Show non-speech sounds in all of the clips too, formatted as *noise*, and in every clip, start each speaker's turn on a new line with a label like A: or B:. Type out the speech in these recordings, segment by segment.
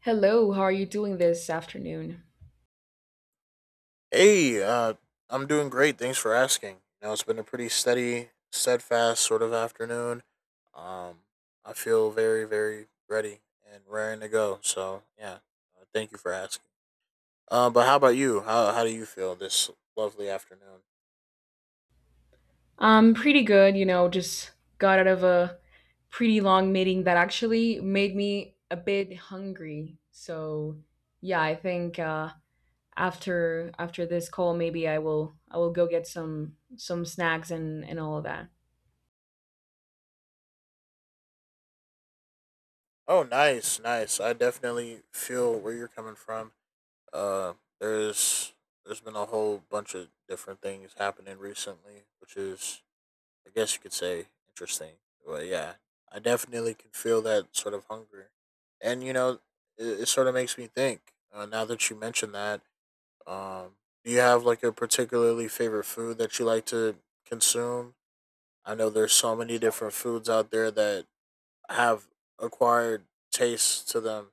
A: Hello, how are you doing this afternoon?
B: Hey, I'm doing great. Thanks for asking. You know, it's been a pretty steady, steadfast sort of afternoon. Um, I feel very, very ready and raring to go. So yeah, thank you for asking. But how about you? How do you feel this lovely afternoon?
A: Pretty good, you know, just got out of a pretty long meeting that actually made me a bit hungry. So, yeah, I think after this call maybe I will go get some snacks and all of that.
B: Oh, nice, nice. I definitely feel where you're coming from. Uh, there's there's been a whole bunch of different things happening recently, which is, I guess you could say, interesting. But yeah, I definitely can feel that sort of hunger, and you know, it sort of makes me think. Now that you mentioned that, um, do you have like a particularly favorite food that you like to consume? I know there's so many different foods out there that have acquired tastes to them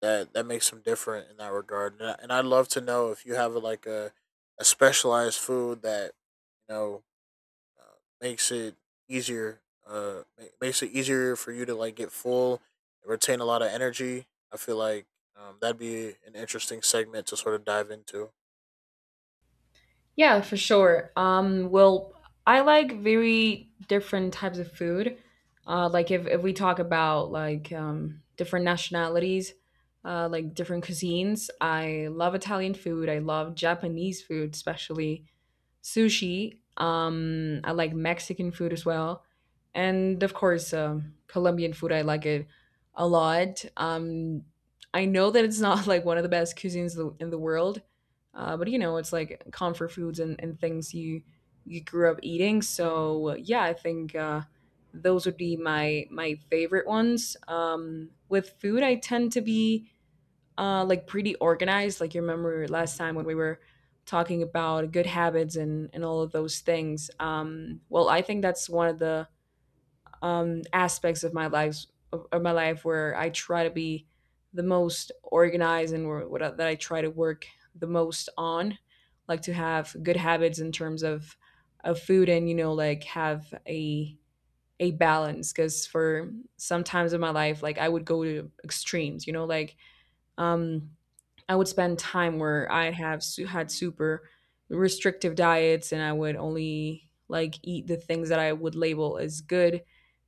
B: that makes them different in that regard. And I'd love to know if you have like a specialized food that you know, makes it easier. Makes it easier for you to like get full, and retain a lot of energy. I feel like that'd be an interesting segment to sort of dive into.
A: Yeah, for sure. Well, I like very different types of food. Like if we talk about like different nationalities, like different cuisines, I love Italian food. I love Japanese food, especially sushi. I like Mexican food as well, and of course, Colombian food. I like it a lot. I know that it's not *laughs* like one of the best cuisines in the world, but you know, it's like comfort foods and things you grew up eating. So yeah, I think those would be my favorite ones. With food, I tend to be like pretty organized. Like you remember last time when we were talking about good habits and all of those things. Well, I think that's one of the aspects of my life of my life where I try to be the most organized and where, that I try to work the most on, like to have good habits in terms of food and you know like have a balance because for sometimes in my life like I would go to extremes, you know like um I would spend time where had super restrictive diets and I would only like eat the things that I would label as good.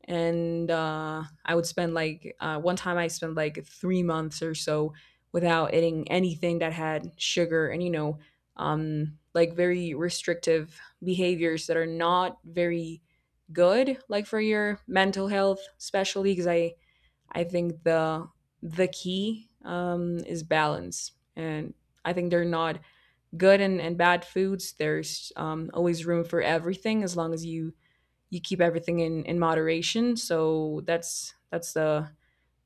A: And I would spend like one time I spent like 3 months or so without eating anything that had sugar and you know like very restrictive behaviors that are not very good like for your mental health especially because I think the key is balance, and I think they're not good and bad foods. There's always room for everything as long as you keep everything in moderation. So that's the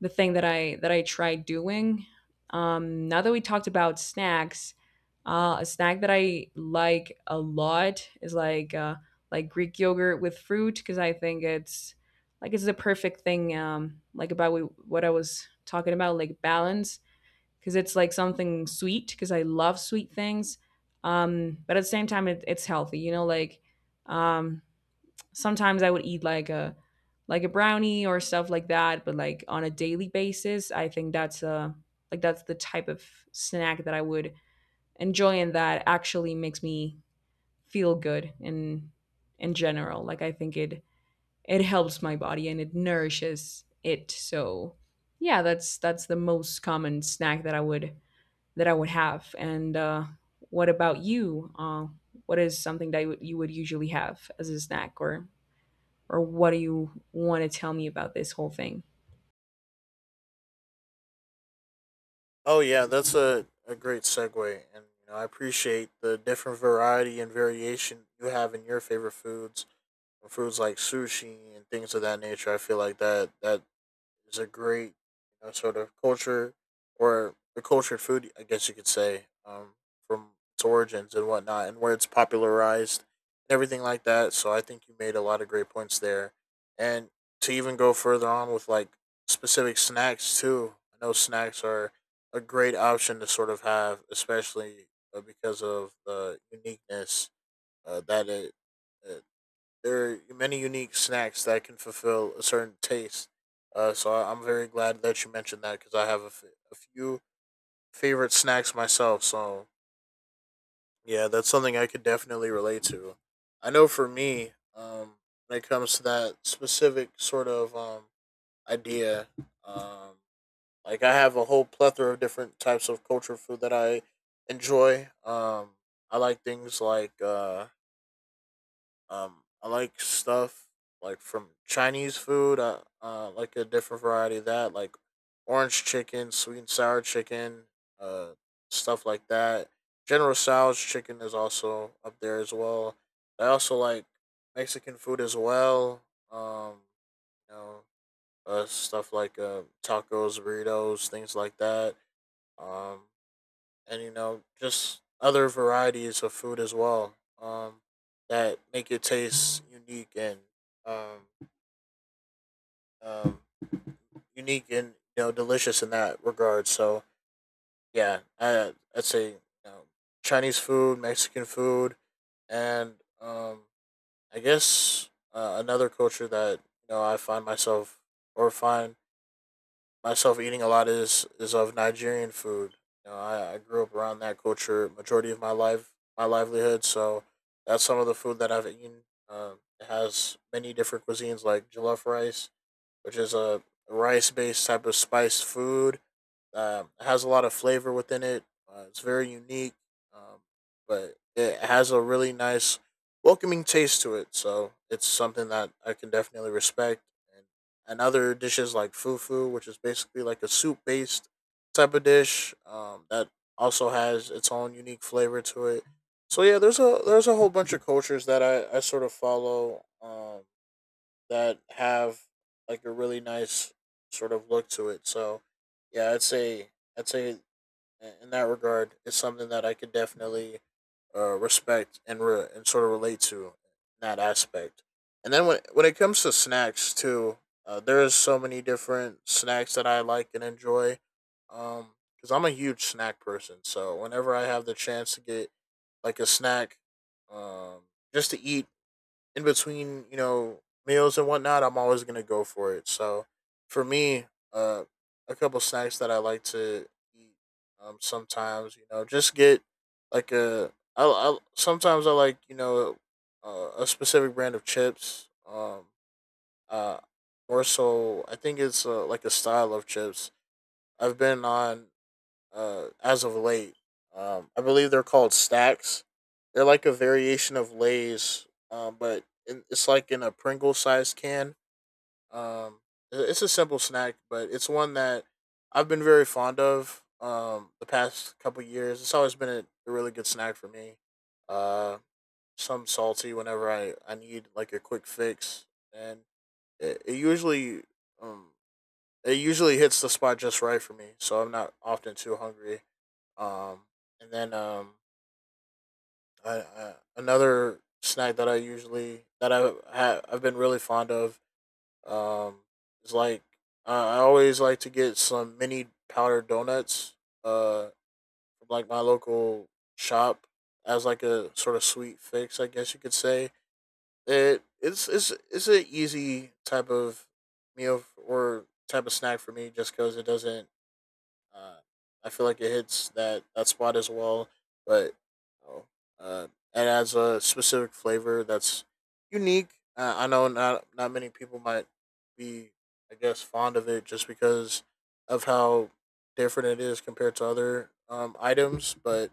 A: thing that I tried doing. Now that we talked about snacks, a snack that I like a lot is like Greek yogurt with fruit because I think it's like it's the perfect thing like what I was talking about like balance because it's like something sweet because I love sweet things, but at the same time it's healthy. You know, like um, sometimes I would eat like a brownie or stuff like that, but like on a daily basis, I think that's a like that's the type of snack that I would enjoy and that actually makes me feel good in general. Like I think it helps my body and it nourishes it. So yeah, that's the most common snack that I would have. And what about you? What is something that you would usually have as a snack or what do you want to tell me about this whole thing?
B: Oh yeah, that's a great segue, and you know I appreciate the different variety and variation you have in your favorite foods, foods like sushi and things of that nature. I feel like that is a great, you know, sort of culture, or the cultured food, I guess you could say, from its origins and whatnot, and where it's popularized and everything like that. So I think you made a lot of great points there, and to even go further on with like specific snacks too. I know snacks are a great option to sort of have, especially because of the uniqueness that it uh, there are many unique snacks that can fulfill a certain taste. I'm very glad that you mentioned that because I have a few favorite snacks myself. So yeah, that's something I could definitely relate to. I know for me, when it comes to that specific sort of idea, um, like I have a whole plethora of different types of culture food that I enjoy. I like things like uh, I like stuff like from Chinese food. I, like a different variety of that, like orange chicken, sweet and sour chicken, uh, stuff like that. General Tso's chicken is also up there as well. I also like Mexican food as well. Um, you know, stuff like, tacos, burritos, things like that. Um, and you know, just other varieties of food as well, um, that make it taste unique and um, um, unique and you know delicious in that regard. So yeah, I, I'd say, you know, Chinese food, Mexican food, and um, I guess, another culture that you know I find myself, or find myself eating a lot is of Nigerian food. You know, I grew up around that culture majority of my life, my livelihood. So that's some of the food that I've eaten. It has many different cuisines like jollof rice, which is a rice based type of spiced food. It has a lot of flavor within it. It's very unique, um, but it has a really nice, welcoming taste to it. So it's something that I can definitely respect. And, and other dishes like fufu, which is basically like a soup based type of dish, that also has its own unique flavor to it. So yeah, there's a whole bunch of cultures that I sort of follow. That have like a really nice sort of look to it. So yeah, I'd say in that regard, it's something that I could definitely, respect and sort of relate to in that aspect. And then when it comes to snacks too, there is so many different snacks that I like and enjoy. Because I'm a huge snack person, so whenever I have the chance to get like a snack, um, just to eat in between, you know, meals and whatnot, I'm always gonna go for it. So for me, uh, a couple snacks that I like to eat, sometimes, you know, just get like a. I sometimes I like, you know, a specific brand of chips. Uh, More so, I think it's, like a style of chips I've been on as of late. I believe they're called stacks. They're like a variation of Lay's, it's like in a Pringle sized can. Um, it's a simple snack, but it's one that I've been very fond of, the past couple years. It's always been a really good snack for me. Uh, some salty whenever I need like a quick fix, and it usually, um, it usually hits the spot just right for me. So I'm not often too hungry, um, and then I, another snack that I usually that I ha, I've been really fond of, um, is like, I always like to get some mini powdered donuts, uh, from like my local shop as like a sort of sweet fix, I guess you could say. It it's an easy type of meal f- or type of snack for me just because it doesn't. Uh, I feel like it hits that spot as well, but you know, uh, it adds a specific flavor that's unique. I know not many people might be, I guess, fond of it just because of how different it is compared to other items. But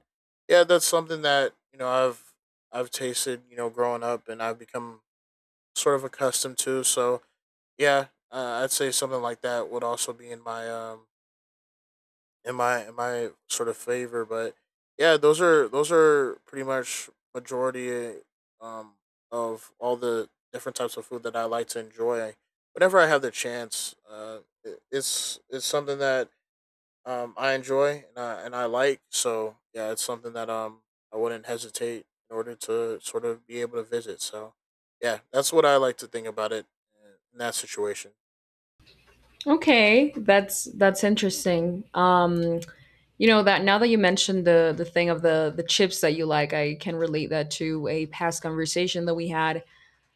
B: yeah, that's something that you know I've tasted, you know, growing up, and I've become sort of accustomed to. So yeah, I'd say something like that would also be in my, in my in my sort of favor. But yeah, those are pretty much majority, um, of all the different types of food that I like to enjoy. Whenever I have the chance, it's something that, I enjoy and I like. So yeah, it's something that I wouldn't hesitate in order to sort of be able to visit. So yeah, that's what I like to think about it, in that situation.
A: Okay, that's interesting. You know that now that you mentioned the thing of the chips that you like, I can relate that to a past conversation that we had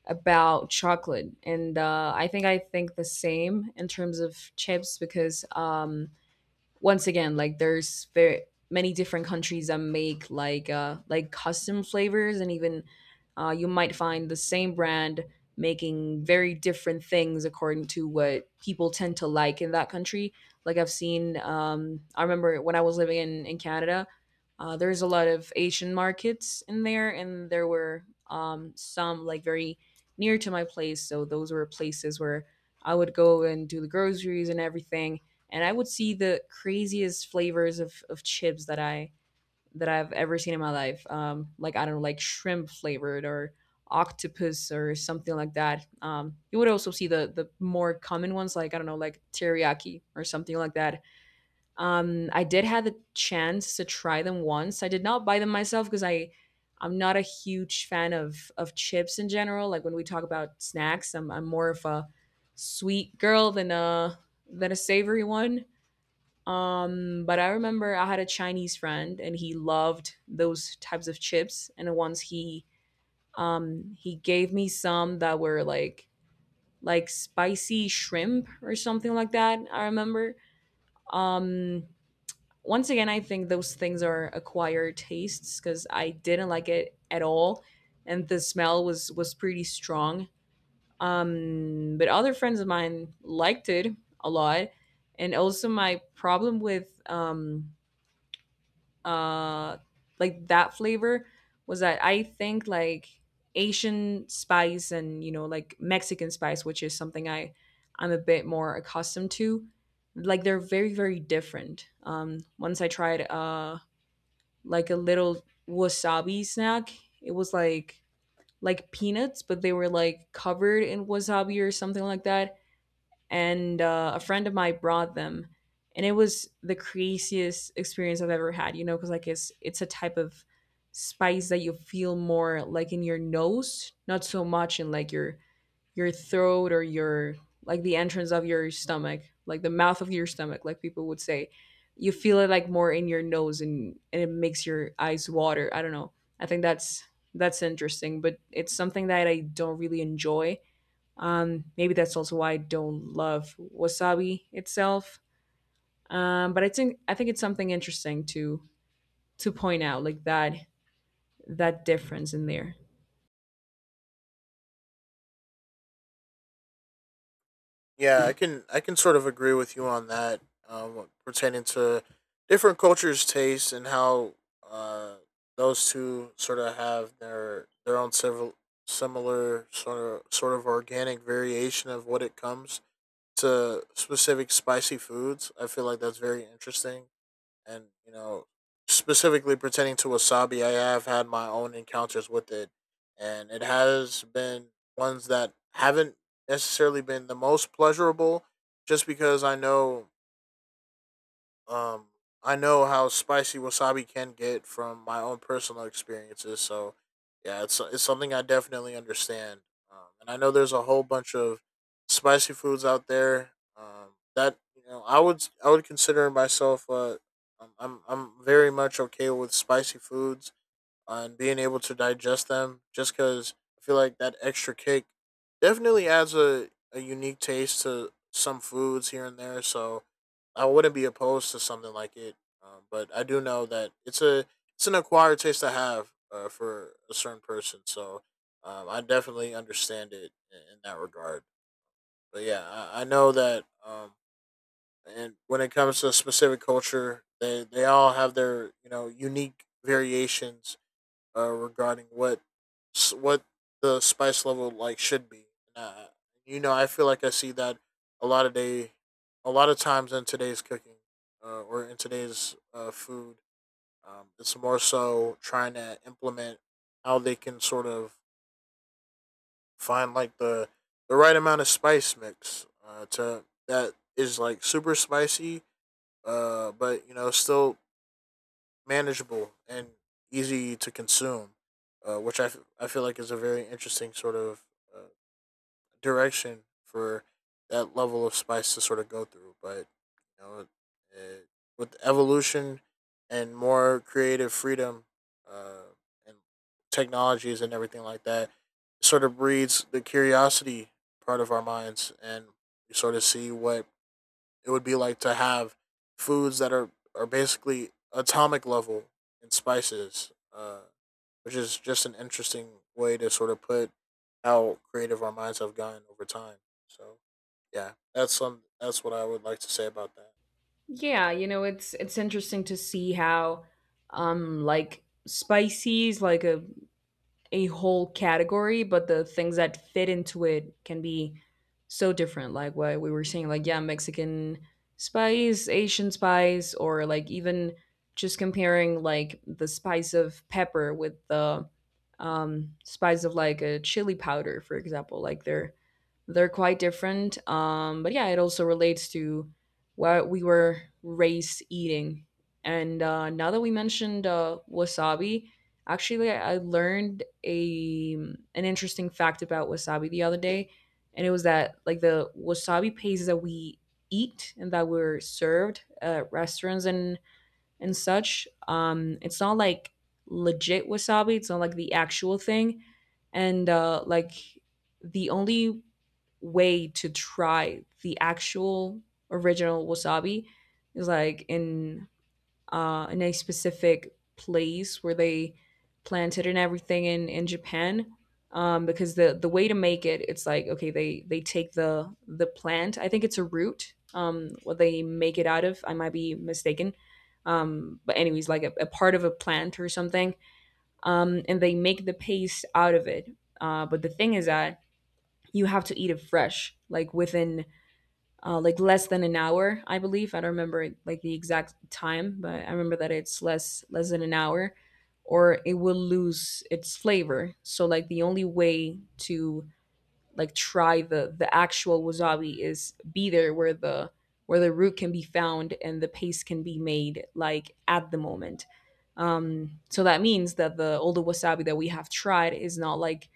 A: about chocolate, and I think the same in terms of chips because once again like there's very many different countries that make like custom flavors and even you might find the same brand making very different things according to what people tend to like in that country like I've seen I remember when I was living in Canada, there's a lot of Asian markets in there and there were some like very near to my place so those were places where I would go and do the groceries and everything and I would see the craziest flavors of chips that I've ever seen in my life. Like I don't know, like shrimp flavored or octopus or something like that. You would also see the more common ones, like I don't know, like teriyaki or something like that. I did have the chance to try them once. I did not buy them myself because I'm not a huge fan of chips in general. Like when we talk about snacks, I'm more of a sweet girl than a savory one. But I remember I had a Chinese friend and he loved those types of chips. And once he gave me some that were like spicy shrimp or something like that, I remember. Um Once again I think those things are acquired tastes because I didn't like it at all and the smell was pretty strong. But other friends of mine liked it a lot. And also my problem with uh like that flavor was that I think like Asian spice and you know like Mexican spice, which is something I'm a bit more accustomed to. Like they're very different. Once I tried like a little wasabi snack, it was like peanuts, but they were like covered in wasabi or something like that and a friend of mine brought them, and it was the craziest experience I've ever had. You know, because like it's a type of spice that you feel more like in your nose, not so much in like your throat or your like the entrance of your stomach, like the mouth of your stomach, like people would say. You feel it like more in your nose and it makes your eyes water. I don't know. I think that's interesting, but it's something that I don't really enjoy maybe that's also why I don't love wasabi itself. But I think it's something interesting to point out, like that difference in there.
B: Yeah, I can sort of agree with you on that, pertaining to different cultures' tastes and how, uh, those two sort of have their own several similar sort of organic variation of what it comes to specific spicy foods. I feel like that's very interesting, and you know, specifically pertaining to wasabi, I have had my own encounters with it, and it has been ones that haven't necessarily been the most pleasurable, just because I know, um, I know how spicy wasabi can get from my own personal experiences. So yeah, it's something I definitely understand. And I know there's a whole bunch of spicy foods out there. That you know, I would consider myself, I'm very much okay with spicy foods and being able to digest them, just because I feel like that extra kick definitely adds a unique taste to some foods here and there. So I wouldn't be opposed to something like it. But I do know that it's an acquired taste to have, for a certain person. So I definitely understand it in that regard. But yeah, I know that, and when it comes to a specific culture, they all have their, you know, unique variations, regarding what the spice level like should be. Uh, you know, I feel like I see that a lot of day, a lot of times in today's cooking, or in today's, food. It's more so trying to implement how they can sort of find like the right amount of spice mix, to that is like super spicy, but you know still manageable and easy to consume, I feel like is a very interesting sort of, uh, direction for that level of spice to sort of go through. But you know, uh, with evolution and more creative freedom, uh, and technologies and everything like that, it sort of breeds the curiosity part of our minds, and we sort of see what it would be like to have foods that are basically atomic level in spices, which is just an interesting way to sort of put how creative our minds have gotten over time. So yeah, that's what I would like to say about that.
A: Yeah, you know, it's interesting to see how like spices, like a whole category, but the things that fit into it can be so different. Like what we were saying, like, yeah, Mexican spice, Asian spice, or like even just comparing like the spice of pepper with the spice of like a chili powder, for example. Like they're quite different. But yeah, it also relates to what we were raised eating. And now that we mentioned wasabi, actually, I learned a an interesting fact about wasabi the other day, and it was that like the wasabi paste that we eat and that we're served at restaurants and such, it's not like legit wasabi. It's not like the actual thing, and like the only way to try the actual original wasabi is like in a specific place where they planted and everything in Japan. Because the way to make it, it's like okay, they take the plant. I think it's a root. What they make it out of, I might be mistaken. But anyways, like a part of a plant or something, and they make the paste out of it. But the thing is that you have to eat it fresh, like within like less than an hour, I believe. I don't remember like the exact time, but I remember that it's less than an hour, or it will lose its flavor. So like the only way to try the actual wasabi is be there where the root can be found and the paste can be made like at the moment. So that means that the all the wasabi that we have tried is not like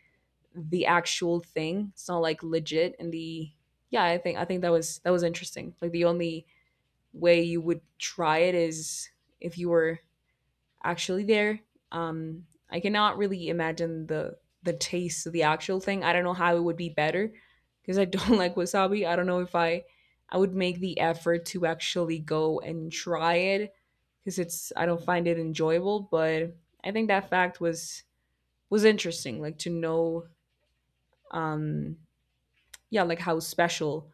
A: the actual thing. It's not like legit and the yeah, I think that was interesting. Like the only way you would try it is if you were actually there. I cannot really imagine the taste of the actual thing. I don't know how it would be better because I don't *laughs* like wasabi. I don't know if I would make the effort to actually go and try it because it's I don't find it enjoyable, but I think that fact was interesting, like to know, um yeah, like how special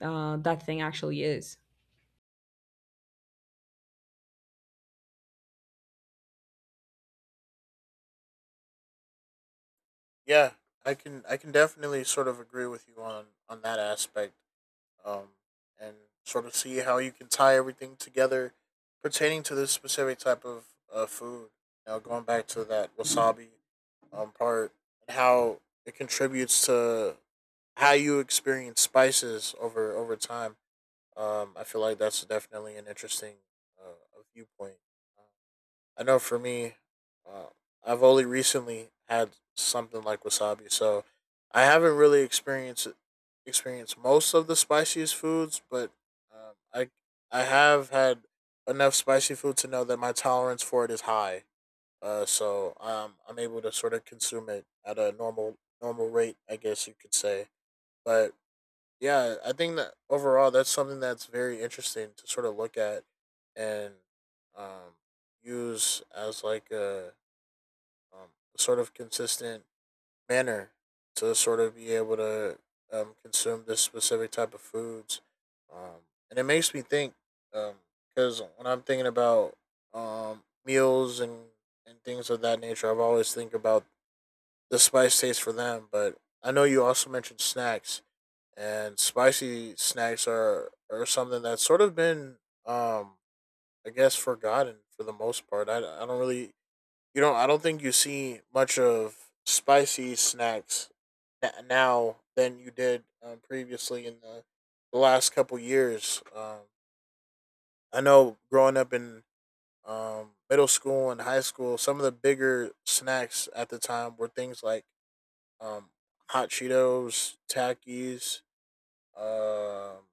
A: that thing actually is.
B: Yeah, I can definitely sort of agree with you on that aspect um, and sort of see how you can tie everything together pertaining to this specific type of food. Now going back to that wasabi part and how it contributes to how you experience spices over time. I feel like that's definitely an interesting viewpoint. I know for me, uh, I've only recently had something like wasabi, so I haven't really experienced most of the spiciest foods, but um, I I have had enough spicy food to know that my tolerance for it is high. So I'm able to sort of consume it at a normal rate, I guess you could say. But yeah, I think that overall that's something that's very interesting to sort of look at and um, use as like a um, sort of consistent manner to sort of be able to consume this specific type of foods. And it makes me think because when I'm thinking about meals and things of that nature, I've always think about the spice taste for them. But I know you also mentioned snacks, and spicy snacks are something that's sort of been um I guess forgotten for the most part. I don't really I don't think you see much of spicy snacks now than you did previously in the last couple years. I know growing up in middle school and high school, some of the bigger snacks at the time were things like um, hot Cheetos, Takis, um,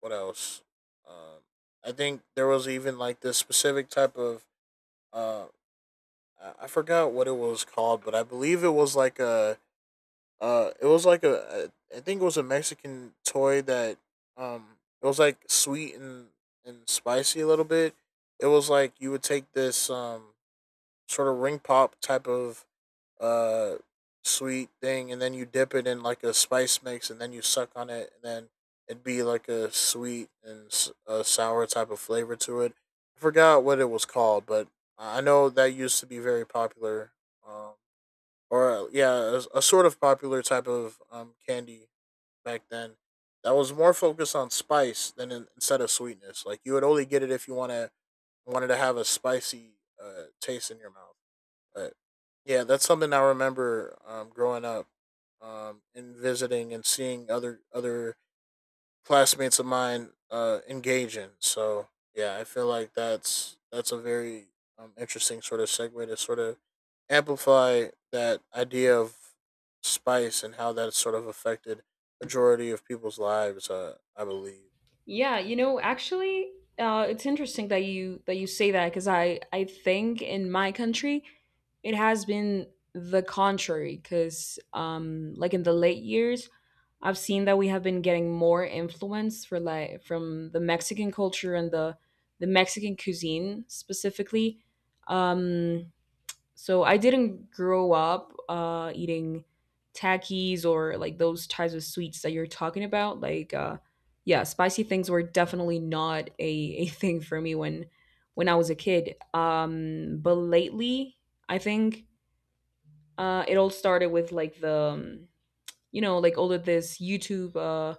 B: what else? Um, I think there was even like this specific type of uh, I forgot what it was called, but I believe it was like a it was like a I think it was a Mexican toy that it was like sweet and spicy a little bit. It was like you would take this sort of ring pop type of uh sweet thing, and then you dip it in like a spice mix, and then you suck on it, and then it'd be like a sweet and a sour type of flavor to it. I forgot what it was called, but I know that used to be very popular, um, or yeah, a sort of popular type of candy back then. That was more focused on spice than instead of sweetness. Like you would only get it if you wanted to have a spicy taste in your mouth. But yeah, that's something I remember growing up and visiting and seeing other classmates of mine engage in. So yeah, I feel like that's a very interesting sort of segue to sort of amplify that idea of spice and how that's sort of affected majority of people's lives. I believe.
A: Yeah you know actually it's interesting that you say that, because I think in my country it has been the contrary, because like in the late years I've seen that we have been getting more influence for like from the Mexican culture and the Mexican cuisine specifically. um So I didn't grow up eating Takis or like those types of sweets that you're talking about. Yeah, spicy things were definitely not a, *laughs* a thing for me when I was a kid. But lately, I think it all started with like the you know, like all of this YouTube.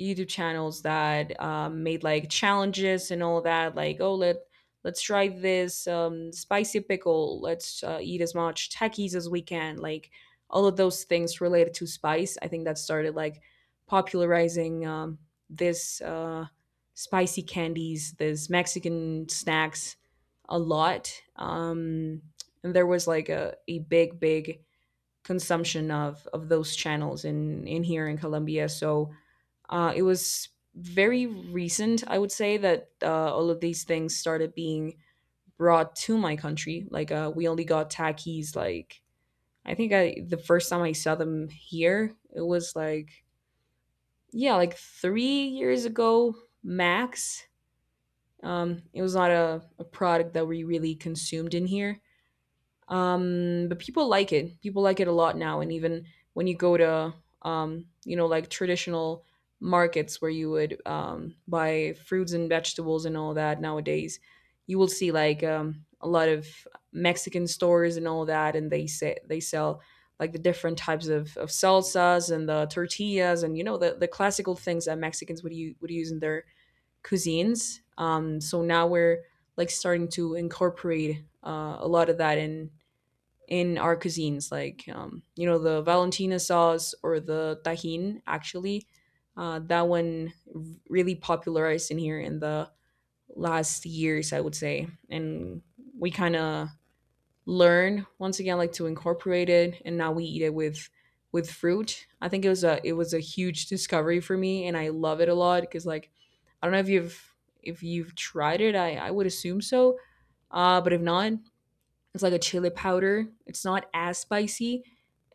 A: YouTube channels that made like challenges and all that. Like, oh, let's try this spicy pickle. Let's eat as much Takis as we can. Like all of those things related to spice. I think that started like popularizing this spicy candies, this Mexican snacks a lot. And there was like a big, big consumption of those channels in here in Colombia. So it was very recent, I would say, that all of these things started being brought to my country. Like we only got khakis. Like I think I the first time I saw them here, it was like yeah, like 3 years ago max. It was not a product that we really consumed in here. But people like it. People like it a lot now. And even when you go to, you know, like traditional markets where you would buy fruits and vegetables and all that nowadays, you will see like a lot of Mexican stores and all that, and they say they sell like the different types of salsas and the tortillas, and you know the classical things that Mexicans would would use in their cuisines. So now we're like starting to incorporate a lot of that in our cuisines, like you know, the Valentina sauce or the tajin. Actually, that one really popularized in here in the last years, I would say, and we kind of learn once again like to incorporate it, and now we eat it with fruit. I think it was a huge discovery for me, and I love it a lot because like I don't know if you've tried it, I would assume so. But if not, it's like a chili powder. It's not as spicy,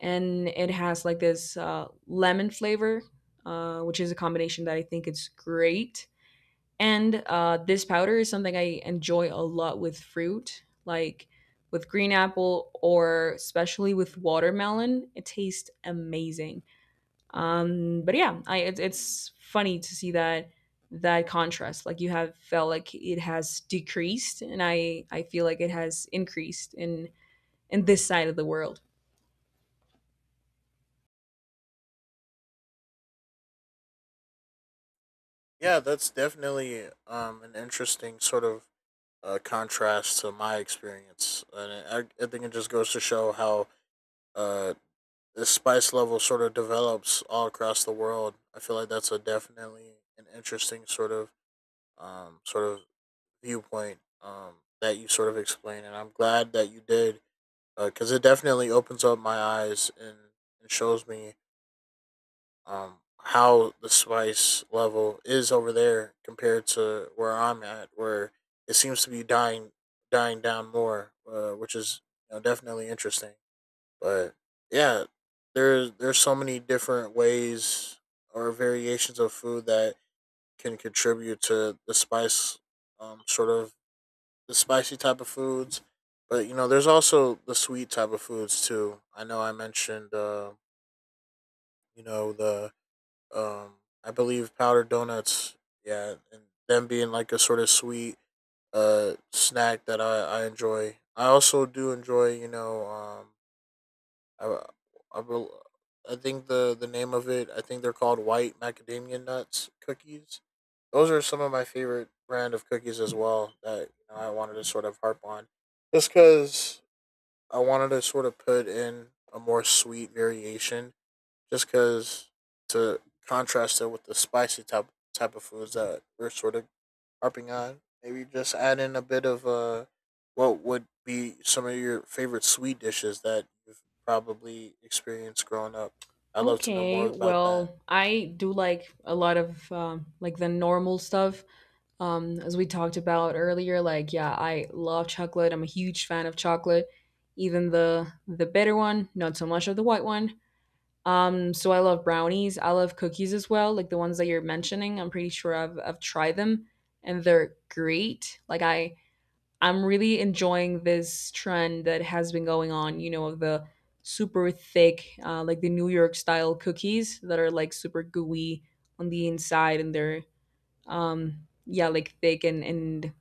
A: and it has like this lemon flavor, which is a combination that I think is great. And this powder is something I enjoy a lot with fruit, like with green apple, or especially with watermelon. It tastes amazing. But yeah, it's funny to see that that contrast. Like you have felt like it has decreased, and I feel like it has increased in this side of the world.
B: Yeah, that's definitely an interesting sort of contrast to my experience, and I think it just goes to show how uh the spice level sort of develops all across the world. I feel like that's a definitely an interesting sort of viewpoint that you sort of explained, and I'm glad that you did because it definitely opens up my eyes and shows me how the spice level is over there compared to where I'm at, where it seems to be dying down more, which is you know, definitely interesting. But yeah, there's so many different ways or variations of food that can contribute to the spice, sort of the spicy type of foods. But you know, there's also the sweet type of foods too. I know I mentioned, you know, the um, I believe powdered donuts. Yeah, and them being like a sort of sweet snack that I enjoy. I also do enjoy, you know, I, I, bel- I think the name of it, I think they're called white macadamia nuts cookies. Those are some of my favorite brand of cookies as well that you know, I wanted to sort of harp on. Just because I wanted to sort of put in a more sweet variation just because to contrast it with the spicy type of foods that we're sort of harping on. Maybe just add in a bit of what would be some of your favorite sweet dishes that you've probably experienced growing up. I'd love to know
A: Okay,
B: more about that.
A: well, I do like a lot of like the normal stuff. As we talked about earlier, like yeah, I love chocolate. I'm a huge fan of chocolate, even the bitter one, not so much of the white one. So I love brownies. I love cookies as well, like the ones that you're mentioning. I'm pretty sure I've tried them, and they're great. I'm really enjoying this trend that has been going on, you know, of the super thick, like the New York style cookies that are like super gooey on the inside, and they're, yeah, like thick and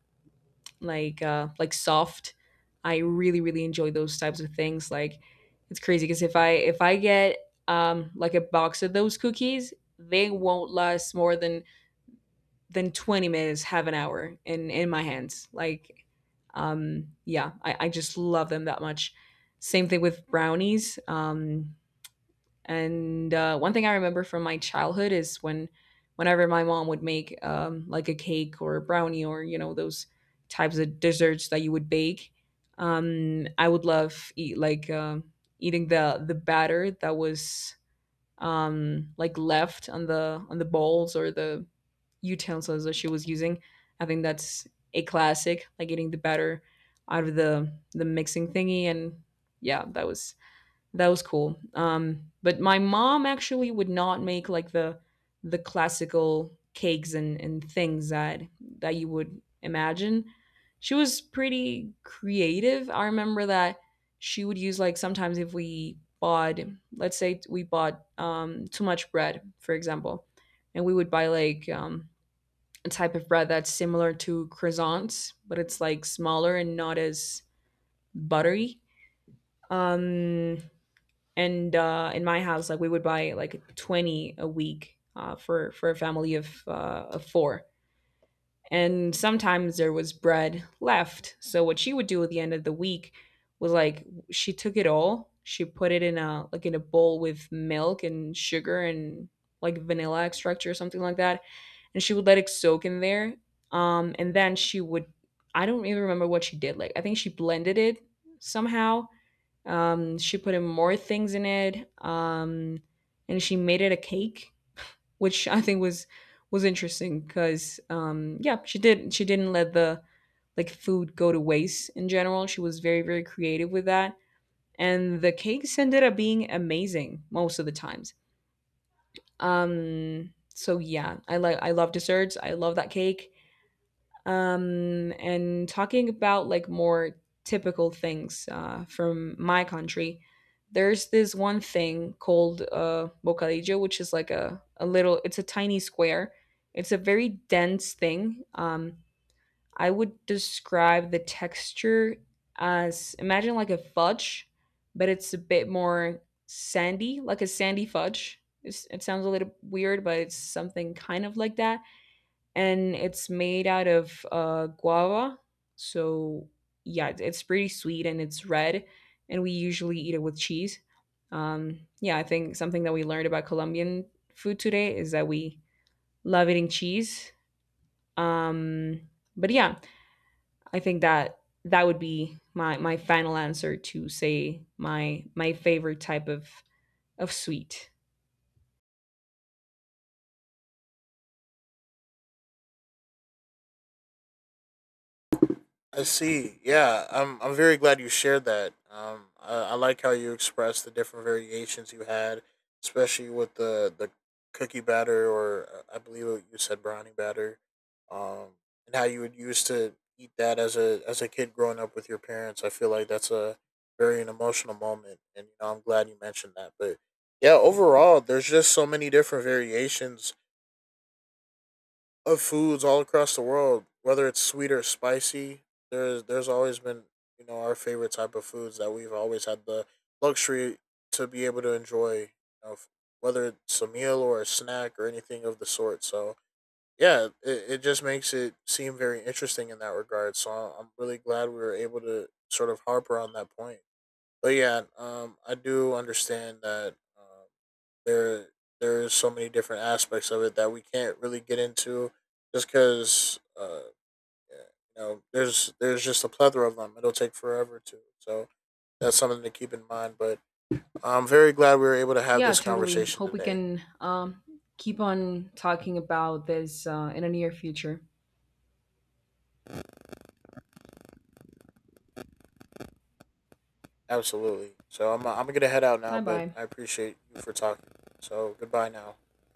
A: like soft. I really, really enjoy those types of things. Like it's crazy, because if I get, like a box of those cookies, they won't last more than 20 minutes have an hour in my hands. Like yeah, I just love them that much. Same thing with brownies. And one thing I remember from my childhood is whenever my mom would make like a cake or a brownie, or you know those types of desserts that you would bake. I would love eat like eating the batter that was like left on the bowls or the utensils that she was using. I think that's a classic, like getting the batter out of the mixing thingy. And Yeah, that was cool. Um, but my mom actually would not make like the classical cakes and things that that you would imagine. She was pretty creative. I remember that she would use, like, sometimes if we bought, let's say we bought too much bread, for example, and we would buy like a type of bread that's similar to croissants, but it's like smaller and not as buttery. Um, and In my house, like we would buy like 20 a week for a family of four. And sometimes there was bread left. So what she would do at the end of the week was like she took it all, she put it in a like in a bowl with milk and sugar and like vanilla extract or something like that, and she would let it soak in there. And then she would, I don't even remember what she did. Like I think she blended it somehow. She put in more things in it. And she made it a cake, which I think was interesting because yeah, she didn't let the like food go to waste in general. She was very very creative with that, and the cakes ended up being amazing most of the times. So yeah, I love desserts. I love that cake, and talking about like more typical things from my country, there's this one thing called bocadillo, which is like a little, it's a tiny square, it's a very dense thing. I would describe the texture as imagine like a fudge, but it's a bit more sandy, like a sandy fudge. It sounds a little weird, but it's something kind of like that. And it's made out of guava. So yeah, it's pretty sweet, and it's red, and we usually eat it with cheese. Yeah, I think something that we learned about Colombian food today is that we love eating cheese. Um, but yeah, I think that that would be my final answer to say my favorite type of sweet.
B: I see. Yeah, I'm very glad you shared that. I like how you expressed the different variations you had, especially with the cookie batter, or I believe what you said brownie batter, um, and how you would used to eat that as a kid growing up with your parents. I feel like that's a very an emotional moment, and you know I'm glad you mentioned that. But yeah, overall, there's just so many different variations of foods all across the world, whether it's sweet or spicy. There's always been you know our favorite type of foods that we've always had the luxury to be able to enjoy, you know, whether it's a meal or a snack or anything of the sort. So yeah, it just makes it seem very interesting in that regard. So I- am really glad we were able to sort of harper on that point. But yeah, I do understand that. There there's so many different aspects of it that we can't really get into just because yeah, you know there's just a plethora of them it'll take forever to so that's something to keep in mind but I'm very glad we were able to have
A: Yeah,
B: this
A: totally.
B: conversation
A: Hope we
B: today.
A: can keep on talking about this in the near future.
B: Absolutely. I'm gonna head out now
A: Bye
B: but
A: bye.
B: I appreciate you for talking so goodbye now.